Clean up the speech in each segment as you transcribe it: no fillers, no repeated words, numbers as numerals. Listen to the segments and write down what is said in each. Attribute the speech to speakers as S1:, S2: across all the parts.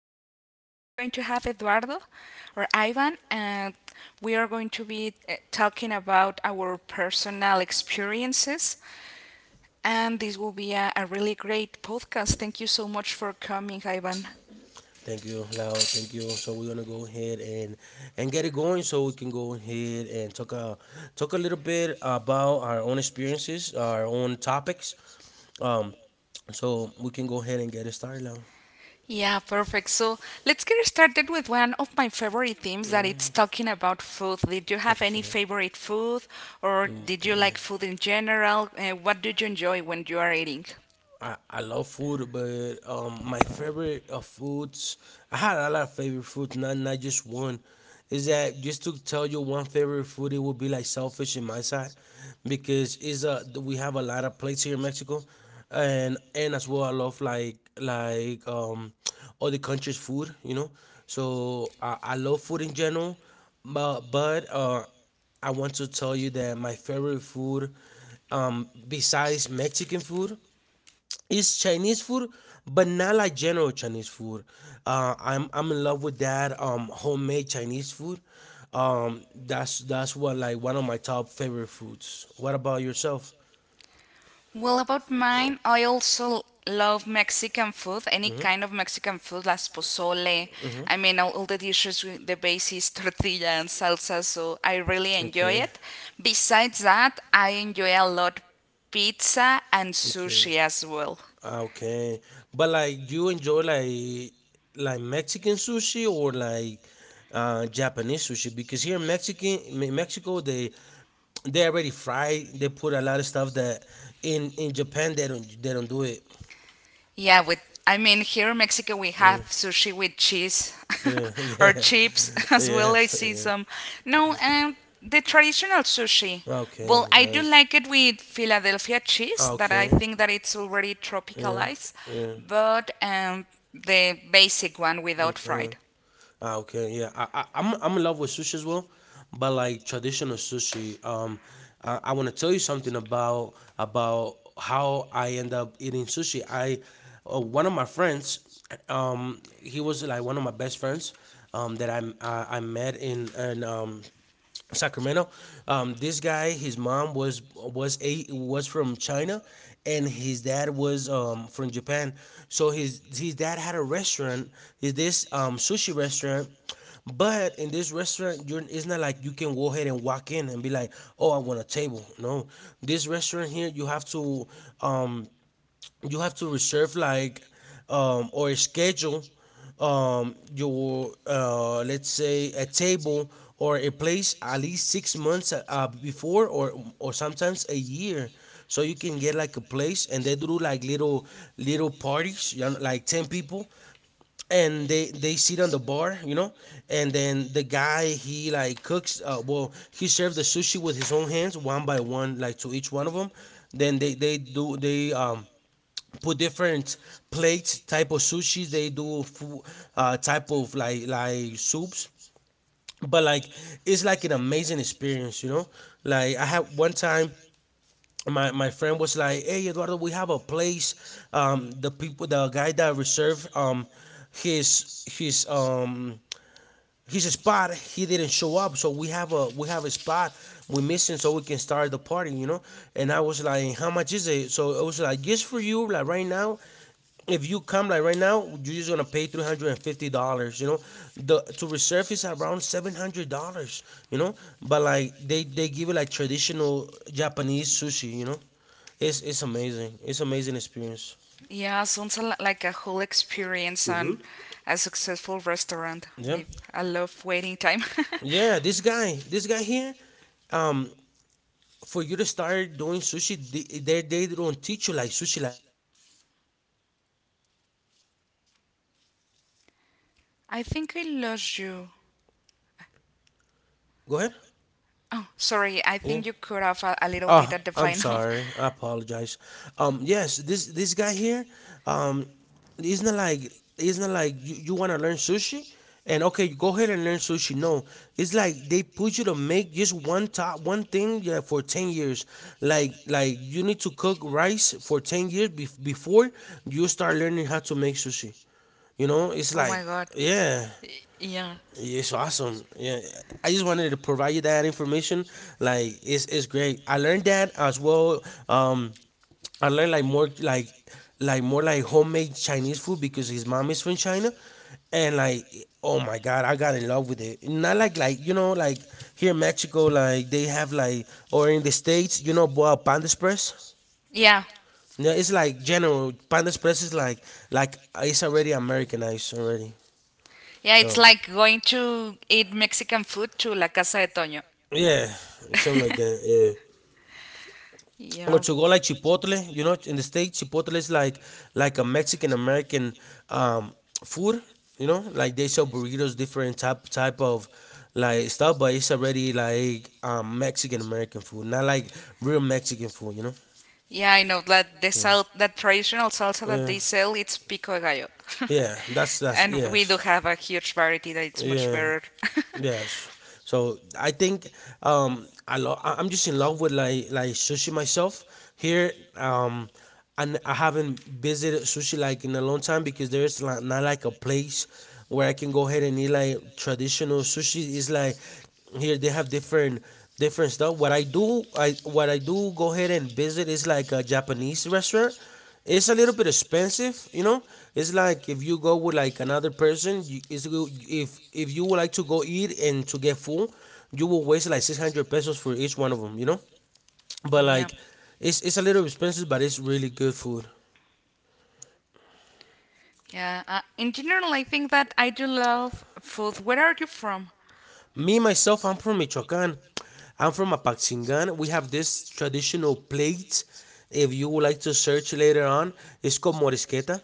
S1: Today we are going to have Eduardo or Ivan, and we are going to be talking about our personal experiences. And this will be a really great podcast. Thank you so much for coming, Ivan.
S2: Thank you, Lau. Thank you. So we're gonna go ahead and get it going, so we can go ahead and talk a little bit about our own experiences, our own topics. Um, so we can go ahead and get it started, Lao.
S1: Yeah, perfect. So let's get started with one of my favorite themes that it's talking about food. Did you have any
S2: Okay.
S1: favorite food, or did you
S2: Okay.
S1: like food in general? What did you enjoy when you are eating?
S2: I love food, but my favorite of foods, I had a lot of favorite foods, not just one. Is that just to tell you one favorite food? It would be like selfish in my side, because is a we have a lot of plates here in Mexico, and as well I love like all the country's food, you know. So I love food in general, but I want to tell you that my favorite food, besides Mexican food, is Chinese food, but not like general Chinese food. I'm in love with that homemade Chinese food. That's what like one of my top favorite foods. What about yourself?
S1: Well, about mine, I also love Mexican food, any
S2: hmm
S1: kind of Mexican food, las pozole.
S2: hmm
S1: I mean, all the dishes with the basis, tortilla and salsa, so I really enjoy
S2: Okay.
S1: it. Besides that, I enjoy a lot pizza and
S2: Okay.
S1: sushi as well.
S2: Well. Ah, okay. But like you enjoy like Mexican sushi or like Japanese sushi, because here in Mexico they already fry, they put a lot of stuff that in Japan they don't, they don't do it.
S1: Yeah, with I mean here in Mexico we have
S2: Yeah.
S1: sushi with
S2: With
S1: cheese
S2: yeah,
S1: or
S2: yeah.
S1: chips as well. I
S2: Yes,
S1: see
S2: yeah.
S1: some. No, the traditional sushi.
S2: Okay,
S1: Well, I do
S2: nice.
S1: like it with Philadelphia cheese that I
S2: Okay.
S1: think that it's already
S2: Yeah.
S1: tropicalized,
S2: Yeah.
S1: but the basic one without
S2: Okay.
S1: fried.
S2: I'm in love with sushi as well, but like traditional sushi. I want to tell you something about how I end up eating sushi. One of my friends, he was like one of my best friends, that I met in Sacramento. This guy, his mom was from China, and his dad was from Japan. So his dad had a restaurant, is this sushi restaurant. But in this restaurant, you're, it's not like you can go ahead and walk in and be like, "Oh, I want a table." No, this restaurant here, um, you have to reserve like or schedule your let's say a table or a place at least 6 months before or sometimes a year, so you can get like a place. And they do like little parties, you know, like 10 people, and they sit on the bar, you know. And then the guy, he like cooks, well, he served the sushi with his own hands one by one, like to each one of them. Then they put different plates, type of sushis. They do type of like soups, but like it's like an amazing experience, you know. Like, I had one time, my friend was like, "Hey, Eduardo, we have a place. The people, the guy that reserved, his he's a spot, he didn't show up, so we have a spot we missing, so we can start the party, you know." And I was like, "How much is it?" So it was like, "Just for you, like right now, if you come like right now, you're just gonna pay $350, you know. The to reserve is around $700, you know." But like they give it like traditional Japanese sushi, you know. It's amazing, it's amazing experience.
S1: Yeah, sounds like a whole experience and a successful restaurant
S2: Yeah,
S1: with a lot of waiting time.
S2: yeah, this guy here, for you to start doing sushi, they don't teach you like sushi. Like, okay, you're my son, go ahead and start learning sushi. No, they put you to make rice like
S1: I
S2: for
S1: think I
S2: 10 years.
S1: lost you.
S2: Go ahead.
S1: Oh, sorry. I
S2: Yeah.
S1: think you could have a little bit
S2: Oh,
S1: at the
S2: I'm
S1: final.
S2: sorry. I apologize. Yes, this guy here, um, it's not like it's not like you want to learn sushi, and okay, you go ahead and learn sushi. No, it's like they put you to make just one top one thing, yeah, for 10 years. Like you need to cook rice for 10 years before you start learning how to make sushi. You know, it's
S1: oh
S2: like
S1: my god.
S2: yeah.
S1: Yeah.
S2: Yeah, it's awesome. Yeah, I just wanted to provide you that information. Like, it's great. I learned that as well. Um, I learned like more like homemade Chinese food, because his mom is from China, and like, oh my god, I got in love with it. Not like here in Mexico, like they have like, or in the States, you know, boil Panda Express.
S1: Yeah.
S2: Yeah, it's like general Panda Express is like it's already Americanized already.
S1: Yeah, it's
S2: So.
S1: like going to eat Mexican food to La Casa de Toño.
S2: Yeah, something like that. Yeah,
S1: you
S2: or
S1: know.
S2: to go like Chipotle, you know, in the States, Chipotle is like a Mexican American um food. You know, like they sell burritos, different type of like stuff, but it's already like Mexican American food, not like real Mexican food. You know.
S1: Yeah, I know that the
S2: Yeah.
S1: sal that traditional salsa that
S2: Yeah.
S1: they sell it's pico de gallo.
S2: Yeah, that's that's
S1: and we do
S2: yes.
S1: have a huge variety that it's much
S2: Yeah.
S1: better.
S2: Yes. So I think I'm just in love with like sushi myself here and I haven't visited sushi like in a long time, because there's like not like a place where I can go ahead and eat like traditional sushi. Is like here they have different stuff. What I do go ahead and visit is like a Japanese restaurant, it's a little bit expensive, you know. It's like if you go with like another person, you, it's, go- if you would like to go eat and to get full, you will waste like 600 pesos for each one of them, you know. But
S1: yeah.
S2: like it's a little expensive, but it's really good food.
S1: Yeah, in general, I think that I do love food. Where are you from?
S2: Me myself, I'm from Michoacan. I'm from Apaxingan. We have this traditional plate, if you would like to search later on, it's called morisqueta.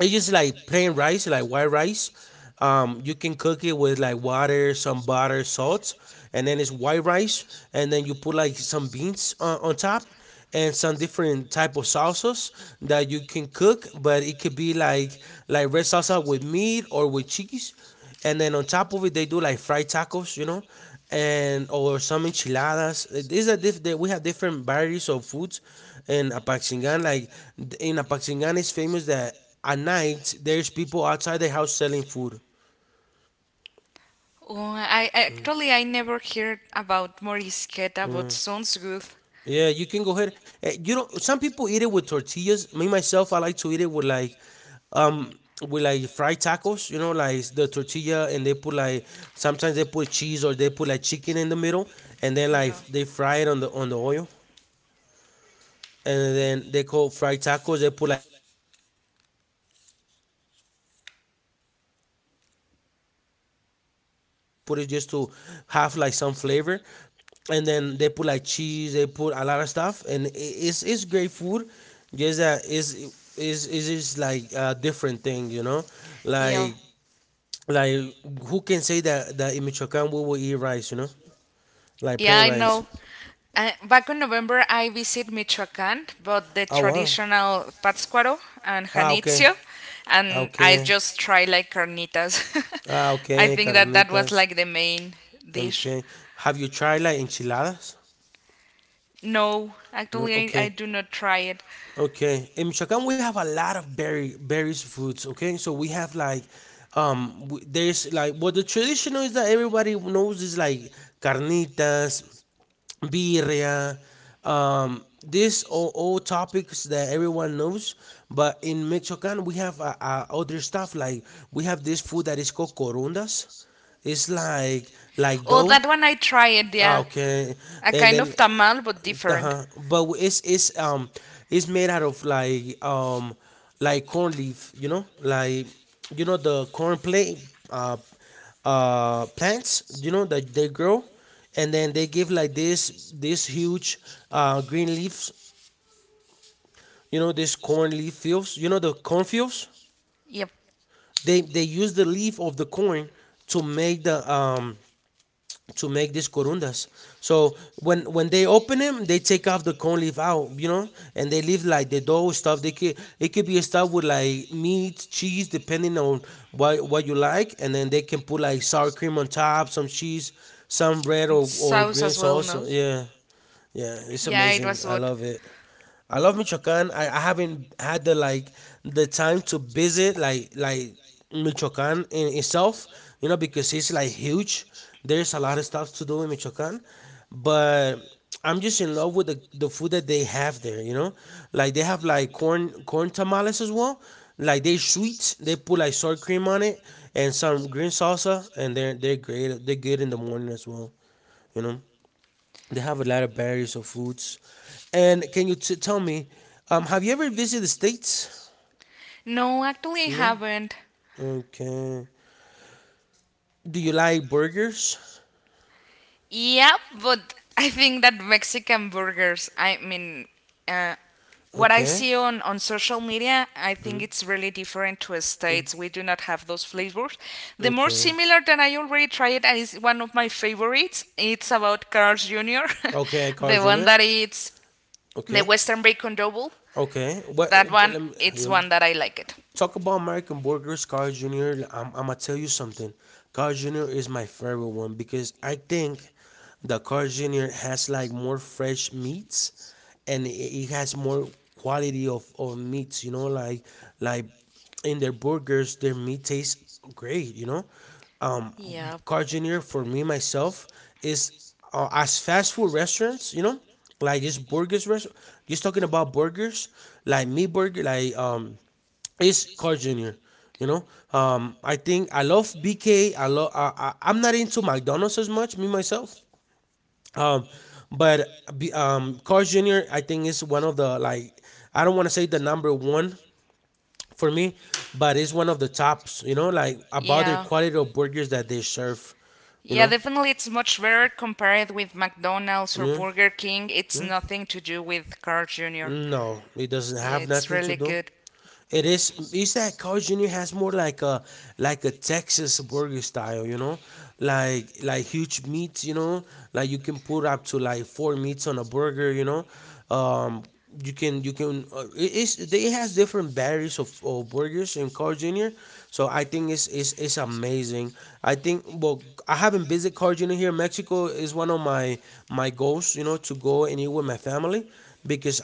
S2: It's just like plain rice, like white rice. You can cook it with like water, some butter, salt, and then it's white rice, and then you put like some beans on top, and some different type of salsas that you can cook. But it could be like red salsa with meat or with cheese, and then on top of it they do like fried tacos, you know, and or some enchiladas. These are diff- they- we have different varieties of foods in Apaxingan. Like th- in Apaxingan, it's famous that at night there's people outside their house selling food.
S1: Oh, I actually I never heard about morisqueta, but sounds good.
S2: Yeah, you can go ahead. Eh, you know, some people eat it with tortillas. Me myself, I like to eat it um with like fried tacos, you know, like the tortilla, and they put like, sometimes they put cheese, or they put like chicken in the middle, and then like
S1: Yeah.
S2: they fry it on the oil. And then they call fried tacos. They put like cabbage on top. They put like they make like this tomato sauce. The- it's not spicy. They just put it just to have like some flavor. And then they put like cheese. They put a lot of stuff, and it's great food. Just that is is just like a different thing, you know,
S1: Yeah,
S2: like like who can say that in Michoacan we will eat rice, you know, like
S1: yeah,
S2: plain
S1: I
S2: rice.
S1: know. Back in November, I visit Michoacán, but the
S2: Ah, wow.
S1: traditional Pátzcuaro and
S2: Ah, okay.
S1: Janitzio,
S2: Ah,
S1: and I
S2: okay.
S1: just try like carnitas.
S2: Ah,
S1: I
S2: okay.
S1: think that that was
S2: Carnitas.
S1: like the main dish.
S2: Okay. Have you tried like enchiladas?
S1: No,
S2: No.
S1: actually, I
S2: Okay.
S1: do not try it.
S2: Okay. In Michoacán, we have a lot of berry berries foods. Okay, so we have like, there's like what the traditional is that everybody knows is like carnitas, birria. These are all topics that everyone knows, but in Michoacan we have other stuff, like we have this food that is called corundas. It's like
S1: Oh,
S2: dough.
S1: that one I try it. Yeah,
S2: Okay,
S1: a
S2: and
S1: kind
S2: then
S1: of tamal but
S2: uh
S1: different.
S2: huh. But it's it's made out of like corn leaf, you know, like you know the corn plate uh plants, you know, that they grow, and then they give like this huge green leaves, you know, this corn leaf fields, you know, the corn fields.
S1: Yep.
S2: They use the leaf of the corn to make the to make these corundas. So when they open them, they take off the corn leaf out, you know, and they leave like the dough stuff. They could it could be a stuff with like meat, cheese, depending on what you like, and then they can put like sour cream on top, some cheese, some bread or
S1: South
S2: green
S1: as well,
S2: sauce.
S1: no?
S2: Yeah. Yeah, it's
S1: Yeah, it
S2: amazing.
S1: was
S2: I
S1: good.
S2: love it. I love Michoacan. I haven't had the like the time to visit like Michoacan in itself, you know, because it's like huge. There's a lot of stuff to do in Michoacan, but I'm just in love with the food that they have there, you know? Like they have like corn tamales as well. Like they sweet, they put like sour cream on it and some green salsa and they're great. They're good in the morning as well, you know? They have a lot of varieties of foods. And can you tell me, have you ever visited the States?
S1: No, actually, I haven't.
S2: Okay. Do you like burgers?
S1: Yep, but I think that Mexican burgers, I mean, uh, what I
S2: Okay.
S1: see on social media, I think it's really different to States. We do not have those flavors. The more
S2: Okay.
S1: similar that I already tried and is one of my favorites, it's about Carl's Jr.,
S2: Okay, Carl
S1: the one
S2: Jr.
S1: that it's the
S2: Okay.
S1: Western Bacon Double.
S2: Okay. What?
S1: That
S2: What
S1: one,
S2: let me,
S1: it's
S2: yeah.
S1: one that I like it.
S2: Talk about American burgers, Carl Jr. I'm gonna tell you something. Carl Jr. is my favorite one because I think the Carl Jr. has like more fresh meats and it has more quality of meats, you know, like and their burgers, their meat tastes great, you know? Um, Carl Jr., for me, myself, is as fast food restaurants, you know? Like just burgers, just talking about burgers, like meat burger, like, is Carl Jr., you know? I think I love BK. I'm not into McDonald's as much, me, myself. Um, but Carl Jr. I think is one of the like I don't want to say the number one for me, but it's one of the tops, you know, like about their
S1: Yeah.
S2: quality of burgers that they serve, you
S1: Yeah,
S2: know.
S1: definitely it's much rarer compared with McDonald's or
S2: Yeah, or
S1: Burger King. It's
S2: yeah.
S1: nothing to do with Carl Jr.
S2: With
S1: It
S2: culture.
S1: Yeah,
S2: No, it doesn't have
S1: it's have
S2: nothing to
S1: really
S2: do.
S1: good.
S2: It is. Is that Carl Jr. has more like a Texas burger style, you know, like huge meats, you know, like you can put up to like four meats on a burger, you know. Um, you can it's they has different varieties of burgers in Carl Jr. So I think it's amazing. I think well I haven't visited Carl Jr. here in Mexico is one of my goals, you know, to go and eat with my family because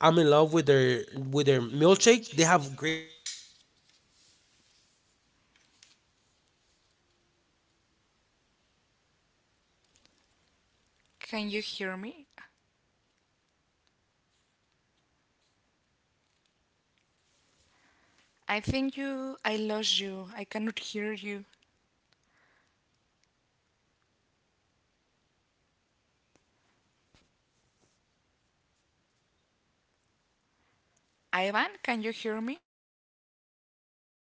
S2: I'm in love with their milkshake. They have great milkshakes, and as well with their burgers is not something that I want to miss.
S1: Can you hear me?
S2: All right, can you hear me?
S1: I think you. I lost you. I cannot hear you. Ivan, can you hear me?
S2: Can you hear me?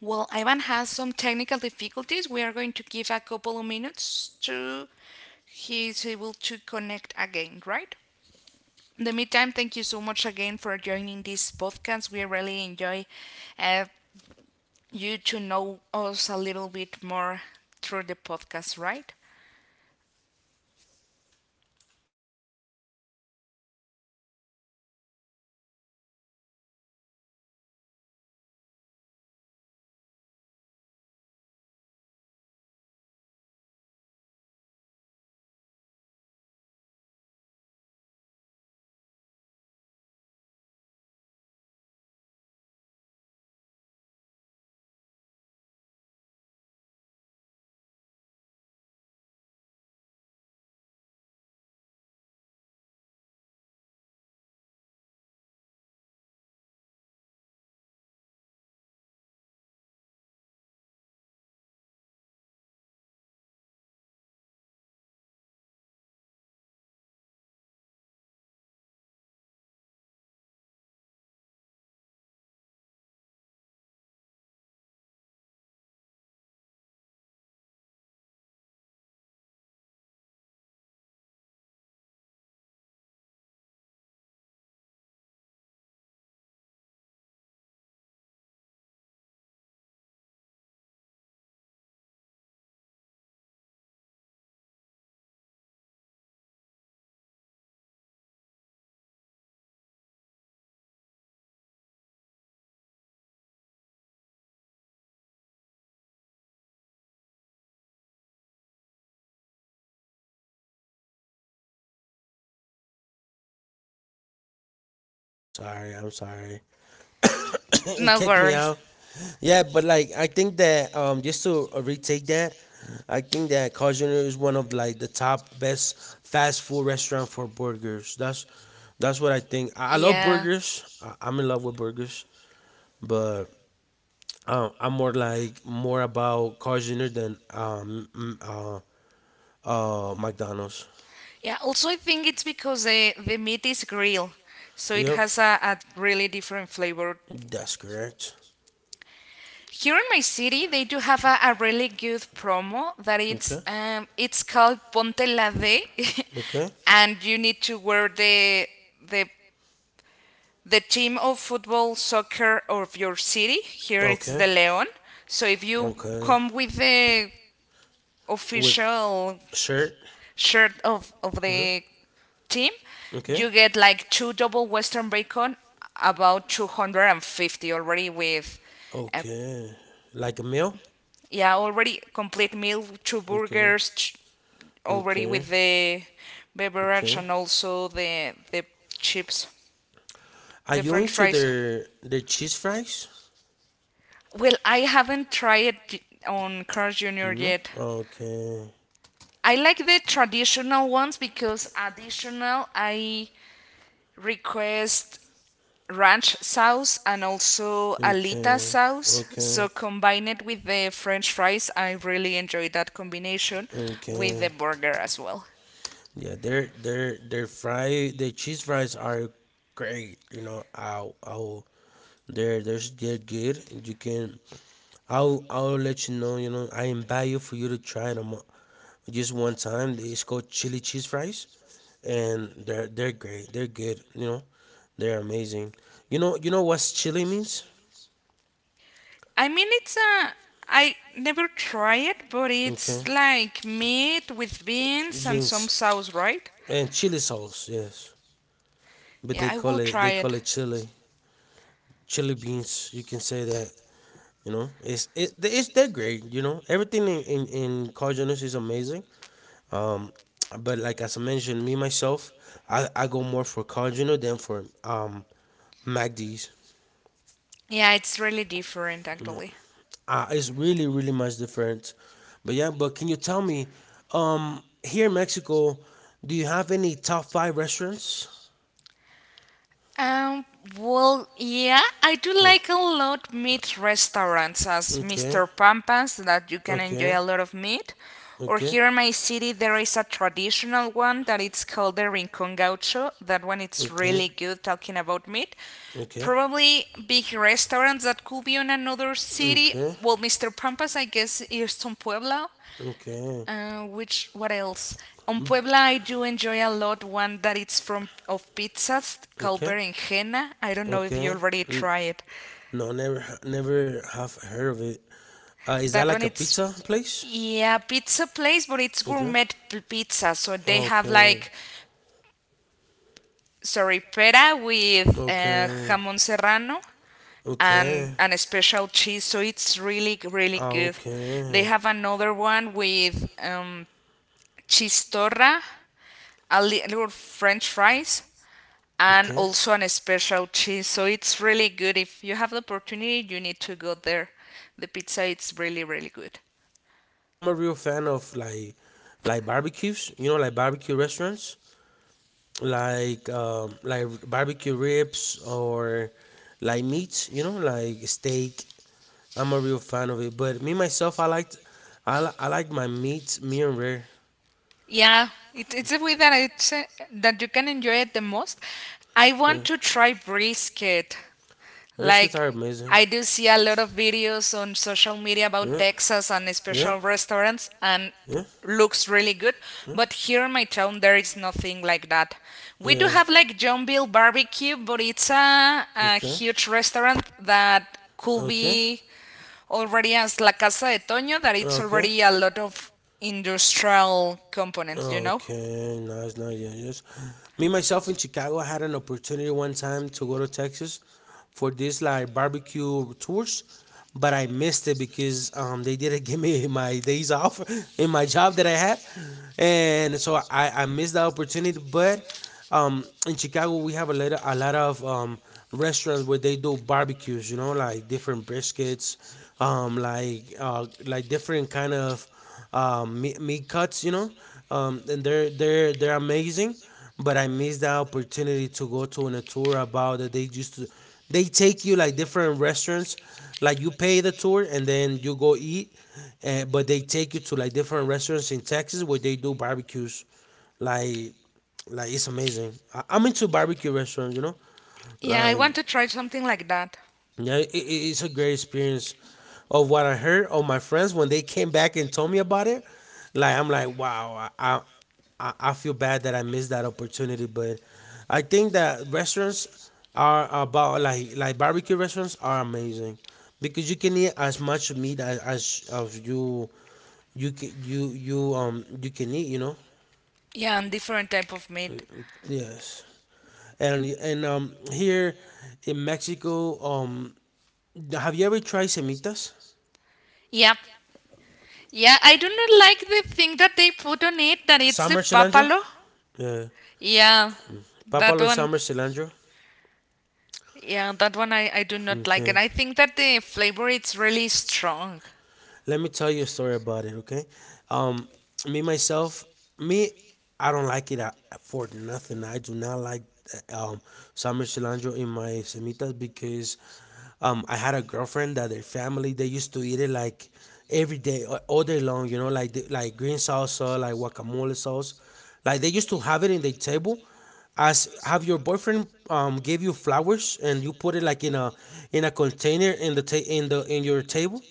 S1: Well, Ivan has some technical difficulties. We are going to give a couple of minutes to he's able to connect again, right? In the meantime, thank you so much again for joining this podcast. We really enjoy uh, you to know us a little bit more through the podcast, right?
S2: Sorry, I'm sorry. It
S1: No
S2: kicked me
S1: worries.
S2: out. Yeah, but like I think that just to retake that, I think that Carl Jr. is one of like the top best fast food restaurant for burgers. That's what I think. I love
S1: Yeah.
S2: burgers. I'm in love with burgers, but I'm more like more about Carl Jr. than McDonald's.
S1: Yeah, also I think it's because the meat is grilled, so it
S2: Yep,
S1: has a really different flavor.
S2: that's correct.
S1: Here in my city, they do have a really good promo that it's called Ponte la D,
S2: Okay.
S1: and you need to wear the the team of football soccer of your city. Here
S2: Which
S1: it's the
S2: okay.
S1: León. So if you come with the
S2: With
S1: official
S2: shirt.
S1: shirt of the team,
S2: The okay.
S1: you get like two double Western bacon, about 250 already with, uh,
S2: Okay. Like a meal.
S1: yeah, already complete meal, two burgers, already
S2: Okay.
S1: with the beverage and also the chips,
S2: Are
S1: the
S2: you
S1: French
S2: into
S1: fries.
S2: their cheese fries?
S1: Well, I haven't tried it on Cars Junior
S2: Mm,
S1: yet.
S2: okay.
S1: I like the traditional ones because additional I request ranch sauce and also alita
S2: Okay.
S1: sauce.
S2: Okay.
S1: So combine it with the french fries, I really enjoy that combination with the
S2: Okay.
S1: burger as well.
S2: Well. Yeah, their cheese fries are great. You know, I'll they're they're good. You can I'll let you know. You know, I invite you for you to try them. Just one time. It's called chili cheese fries, and they're great. They're good. You know, they're amazing. You know what chili means?
S1: I mean it's a I never try it, but it's
S2: Okay,
S1: like meat with beans and
S2: beans
S1: some sauce, right?
S2: and chili sauce. Yes, but
S1: Yeah, I will try
S2: they
S1: it.
S2: call it chili chili beans. You can say that. You know, it's they're great. You know, everything in Cardenas is amazing. Um, but like as I mentioned, me myself, I go more for Cardinal than for MACD's.
S1: Yeah, it's really different actually.
S2: Uh, it's really really much different. But yeah, but can you tell me, here in Mexico, do you have any top five restaurants?
S1: Um, well, yeah, I do
S2: Oh,
S1: like a lot meat restaurants as
S2: okay,
S1: Mr. Pampas that you can enjoy
S2: okay,
S1: a lot of meat. Or
S2: okay,
S1: here in my city, there is a traditional one that it's called the Rincon Gaucho. That one it's
S2: okay,
S1: really good talking about meat.
S2: okay,
S1: Probably big restaurants that could be on another city.
S2: okay,
S1: Well, Mr. Pampas, I guess, is from Puebla.
S2: okay.
S1: Which What else? On
S2: Mm,
S1: Puebla, I do enjoy a lot one that it's from of pizzas called
S2: okay.
S1: berenjena. I don't know if you
S2: Okay.
S1: already
S2: N-
S1: try it.
S2: No, never, never have heard of it. Is that
S1: That
S2: like
S1: one
S2: a pizza
S1: it's,
S2: place?
S1: yeah, pizza place, but it's
S2: Okay.
S1: gourmet pizza. So they have
S2: Okay.
S1: like sorripera with
S2: Okay.
S1: jamón serrano and
S2: Okay.
S1: and a special cheese. So it's really really
S2: Ah,
S1: good. They have
S2: okay.
S1: another one with cheese torra, a little French fries, and
S2: Okay.
S1: also an special cheese. So it's really
S2: Oh
S1: good.
S2: wow.
S1: If you have the opportunity,
S2: Wow.
S1: you need to go there. The pizza is
S2: Okay.
S1: really, really good.
S2: Oh, nice. I'm a real fan of like barbecues. You know, like barbecue restaurants, like barbecue ribs or like meats. You know, like steak. I'm a real fan of it. But me myself, I like my meats medium rare.
S1: Yeah, it's a way that it's that you can enjoy it the most. I want to try brisket.
S2: Briskets
S1: Like
S2: are amazing.
S1: I do see a lot of videos on social media about
S2: Yeah.
S1: Texas and
S2: Yeah.
S1: special restaurants and
S2: Yeah.
S1: looks really good. But here in my town there is nothing like that. We do
S2: Yeah.
S1: have like Johnville barbecue, but it's a
S2: Okay.
S1: huge restaurant that could
S2: Okay.
S1: be already as La Casa de Toño that it's
S2: Okay.
S1: already a lot of industrial components, you know?
S2: Okay, nice, nice. Yeah, yes. Me myself in Chicago I had an opportunity one time to go to Texas for this like barbecue tours, but I missed it because they didn't give me my days off in my job that I had, and so I missed the opportunity. But in Chicago we have a lot of restaurants where they do barbecues, you know, like different briskets, like different kind of meat cuts, you know. And they're amazing, but I missed the opportunity to go to an a tour about that they used to they take you like different restaurants like you pay the tour and then you go eat but they take you to like different restaurants in Texas where they do barbecues like like it's amazing. I'm into barbecue restaurants, you know.
S1: Yeah, I
S2: Like
S1: want to try something like that.
S2: yeah, it's a great experience. Of what I heard of my friends when they came back and told me about it, like I'm like wow, I feel bad that I missed that opportunity, but I think that restaurants are about like barbecue restaurants are amazing because you can eat as much meat as of you you can you you can eat, you know.
S1: Yeah, and different type of meat.
S2: Yes. And here in Mexico, have you ever tried semitas?
S1: Yep. Yeah, I do not like the thing that they put on it that it's the
S2: Summer cilantro?
S1: papalo.
S2: Yeah.
S1: Yeah, that
S2: Papalo is
S1: one.
S2: summer cilantro.
S1: Yeah, that one I do not like it.
S2: Okay.
S1: I think that the flavor it's really strong.
S2: Let me tell you a story about it, okay? Um, me myself, me, I don't like it at, for nothing. I do not like uh, um summer cilantro in my semitas because I had a girlfriend that their family they used to eat it like every day all day long. You know, like like green salsa, like guacamole sauce, like they used to have it in their table. As have your boyfriend give you flowers and you put it like in a container in the in the in your table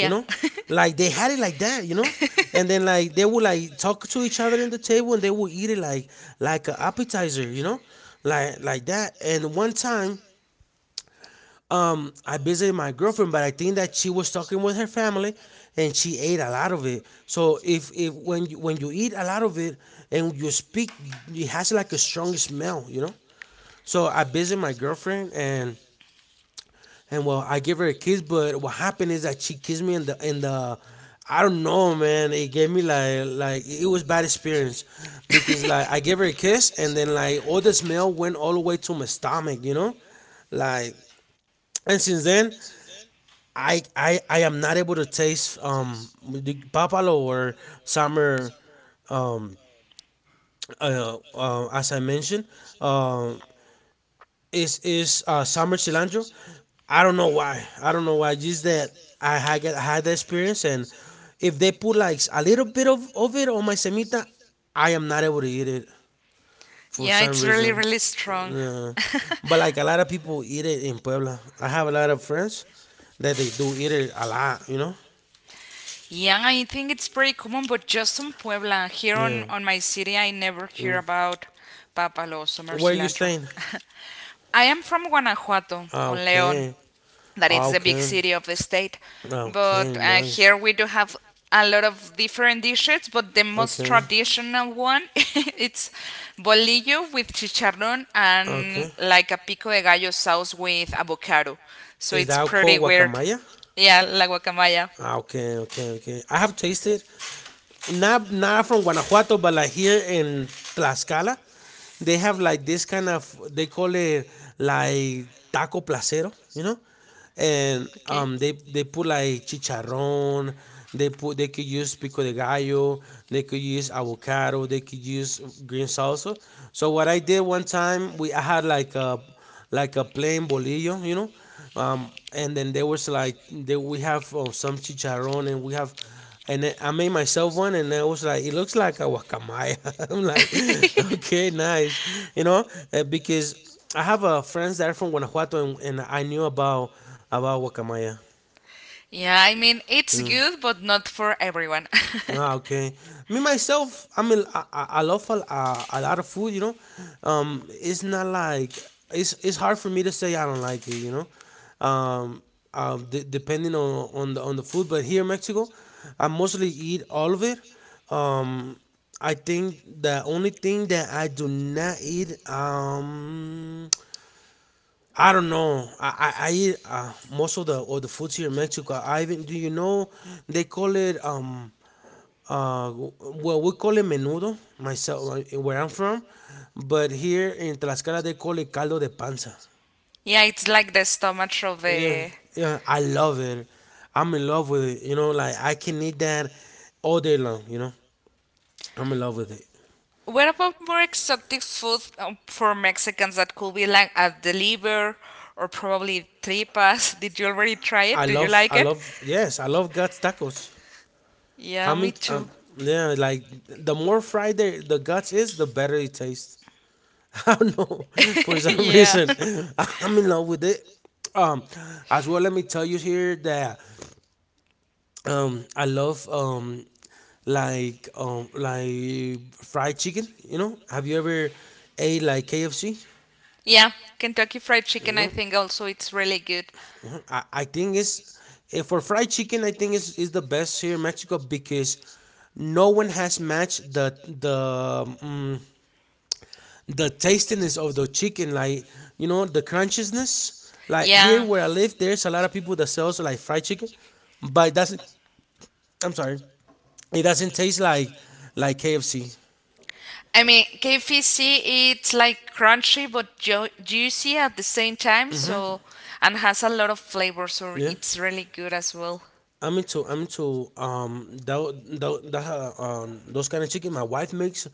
S2: you know like they had it like that you know and then like they would like talk to each other in the table and they would eat it like an appetizer you know like that and one time I visited my girlfriend but I think that she was talking with her family and she ate a lot of it so if when you when you eat a lot of it and you speak it has like a strong smell you know so I visited my girlfriend and well, I give her a kiss, but what happened is that she kissed me in the I don't know, man. It gave me like it was bad experience because like I gave her a kiss and then like all the smell went all the way to my stomach, you know, like and since then I am not able to taste the papalo or summer um as I mentioned um is summer cilantro. I don't know why. I don't know why. Just that I had that experience, and if they put like a little bit of it on my semita, I am not able to eat it for
S1: Yeah,
S2: some
S1: it's really
S2: reason.
S1: really strong.
S2: Yeah. But like a lot of people eat it in Puebla. I have a lot of friends that they do eat it a lot. You know.
S1: Yeah, I think it's pretty common, but just in Puebla. Here
S2: Yeah.
S1: on my city, I never hear
S2: Mm.
S1: about papalos or
S2: Where are you
S1: cilantro.
S2: staying?
S1: I am from Guanajuato,
S2: Ah,
S1: on León,
S2: okay.
S1: that
S2: Ah,
S1: it's the big
S2: okay.
S1: city of the state.
S2: Ah,
S1: But
S2: okay.
S1: uh,
S2: Nice.
S1: here we do have a lot of different dishes, but the most traditional one it's bolillo with chicharrón and like a pico de gallo sauce with avocado. So
S2: Is
S1: it's
S2: that
S1: pretty
S2: called
S1: weird.
S2: guacamaya?
S1: Yeah, la guacamaya.
S2: Ah, okay, okay, okay. I have tasted not not from Guanajuato, but like here in Tlaxcala, they have like this kind of they call it like taco placero, you know, and they put like chicharrón, they put they could use pico de gallo, they could use avocado, they could use green salsa. So what I did one time, we I had like a plain bolillo, you know, and then there was like we have some chicharrón and we have and then I made myself one, and I was like, it looks like a guacamaya. I'm like, okay, nice, you know, because I have friends that are from Guanajuato, and I knew about guacamaya.
S1: Yeah, I mean, it's good, but not for everyone.
S2: Ah, okay. Me myself, I mean, I love a lot of food. You know, it's not like it's hard for me to say I don't like it. You know, um, depending on the food. But here in Mexico, I mostly eat all of it. Um, I think the only thing that I do not eat, I don't know. I eat most of the foods here in Mexico. I even do, you know, they call it we call it menudo, myself, where I'm from, but here in Tlaxcala they call it caldo de panza.
S1: yeah, it's like the stomach of
S2: Yeah,
S1: the.
S2: yeah, I love it. I'm in love with it. You know, like I can eat that all day long. I'm in love with it.
S1: What about more exotic food for Mexicans that could be like at the liver or probably tripas? Did you already try it? Did you like
S2: I
S1: it?
S2: love. Yes, I love guts tacos.
S1: Yeah,
S2: I
S1: me
S2: mean,
S1: too.
S2: yeah, like the more fried the guts is, the better it tastes. I don't know for some
S1: yeah.
S2: reason. I'm in love with it. Um, as well, let me tell you here that I love like fried chicken. You know, have you ever ate like KFC?
S1: Yeah, Kentucky Fried Chicken, I think also it's really good.
S2: I think it's for fried chicken I think is the best here in Mexico, because no one has matched the tastiness of the chicken, like you know the crunchiness, like here.
S1: Yeah.
S2: Yeah. Where I live there's a lot of people that sells like fried chicken, but it doesn't, I'm sorry, it doesn't taste like KFC.
S1: I mean, KFC it's like crunchy but juicy at the same time,
S2: Mm-hmm.
S1: so and has a lot of flavor, so
S2: Yeah. So
S1: it's really good as well.
S2: I'm into that that, that those kind of chicken. My wife makes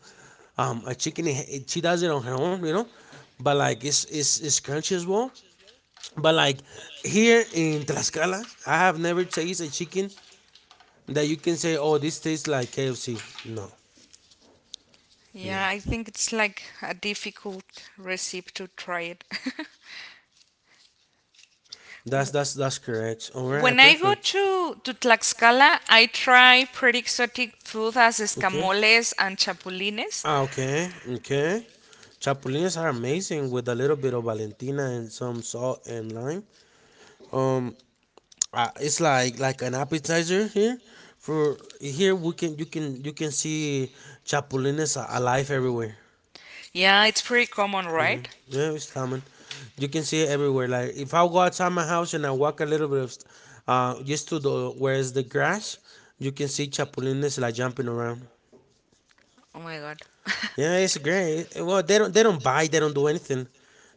S2: a chicken. She does it on her own, you know, but like it's it's crunchy as well. But like here in Tlaxcala, I have never tasted a chicken that you can say, oh, this tastes like KFC. No, no.
S1: Yeah, I think it's like a difficult recipe to try it. W-
S2: That's that's correct. Oh, all
S1: when
S2: right,
S1: I go
S2: perfect.
S1: to Tlaxcala, I try pretty exotic food as
S2: Okay.
S1: escamoles and chapulines.
S2: Ah, okay, okay. Chapulines are amazing with a little bit of Valentina and some salt and lime. Um, it's like an appetizer here. For here we can, you can, you can see chapulines alive everywhere.
S1: Yeah, it's pretty common, right?
S2: Yeah, it's common. You can see it everywhere. Like if I go outside my house and I walk a little bit of, just to the, where's the grass, you can see chapulines like jumping around.
S1: Oh my god.
S2: Yeah, it's great. Well, they don't bite. They don't do anything.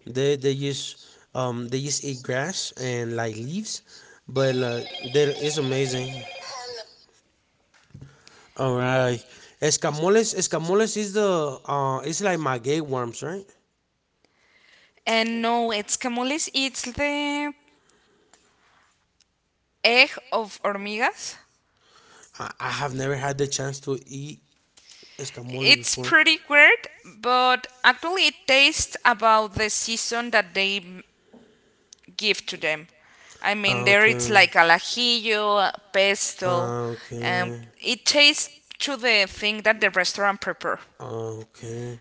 S2: They they just they just eat grass and like leaves, but like they, it's amazing. All right, escamoles. Escamoles is the it's like my gay worms, right?
S1: And no, it's escamoles, it's the egg of hormigas.
S2: I have never had the chance to eat escamoles.
S1: It's pretty weird, but actually it tastes about the season that they give to them. I mean,
S2: Ah,
S1: there it's like alajillo, pesto, and
S2: okay.
S1: it tastes to the thing that the restaurant prepare.
S2: Okay.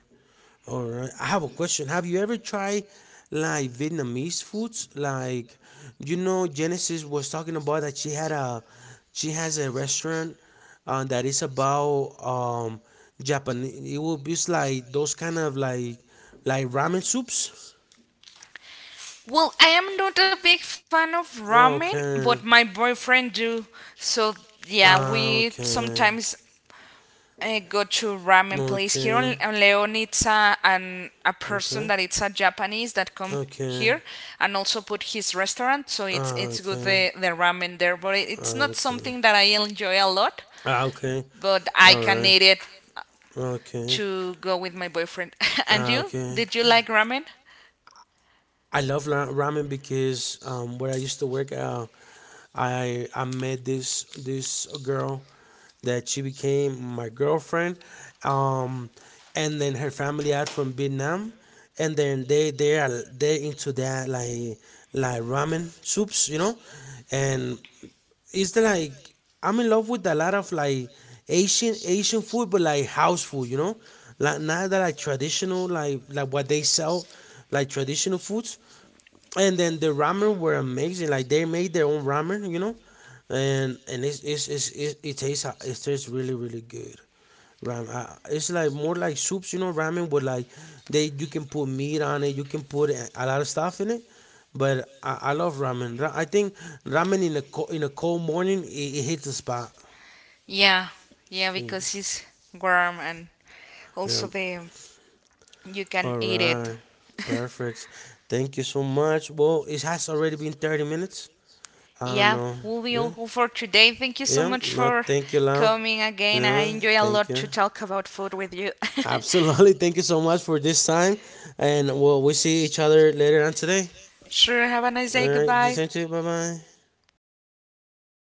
S2: All right. I have a question. Have you ever tried like Vietnamese foods? Like, you know, Genesis was talking about that she has a restaurant that is about Japanese. It will be like those kind of like ramen soups.
S1: Well, I am not a big fan of ramen, but
S2: Okay.
S1: my boyfriend do. So yeah,
S2: Ah,
S1: we
S2: okay.
S1: sometimes go
S2: Uh,
S1: to ramen place here on Leon. It's a
S2: okay.
S1: person
S2: Okay.
S1: that it's a Japanese that come here and also put his restaurant. So it's good the ramen there, but it's
S2: Ah,
S1: not
S2: okay.
S1: something that I enjoy a lot.
S2: Ah, okay.
S1: But I
S2: All
S1: can
S2: right.
S1: eat it
S2: Okay.
S1: to go with my boyfriend. and
S2: Ah,
S1: you?
S2: okay.
S1: Did you like ramen?
S2: I love ramen, because where I used to work, I met this girl that she became my girlfriend, um, and then her family out from Vietnam, and then they into that like ramen soups, you know, and it's the, like I'm in love with a lot of like Asian food, but like house food, you know, like not that like traditional like what they sell, like traditional foods, and then the ramen were amazing. Like they made their own ramen, you know, and it tastes, it tastes really really good. Ramen, it's like more like soups, you know. Ramen with like they, you can put meat on it, you can put a lot of stuff in it. But I love ramen. I think ramen in a cold morning it, it hits the spot.
S1: Yeah, yeah, because it's warm and
S2: Yeah.
S1: also the you can
S2: All
S1: eat it.
S2: right. Perfect. Thank you so much. Well, it has already been 30 minutes. I don't
S1: Yeah,
S2: know.
S1: will be
S2: Yeah.
S1: all for today. Thank you so
S2: Yeah,
S1: much
S2: no,
S1: for
S2: thank you, Lau.
S1: coming
S2: You
S1: again. I
S2: know,
S1: enjoy a
S2: thank
S1: lot
S2: you.
S1: to talk about food with you.
S2: Absolutely, thank you so much for this time, and we see each other later on today.
S1: sure, have a nice
S2: All
S1: day.
S2: right, you,
S1: Goodbye.
S2: same to you. Bye bye.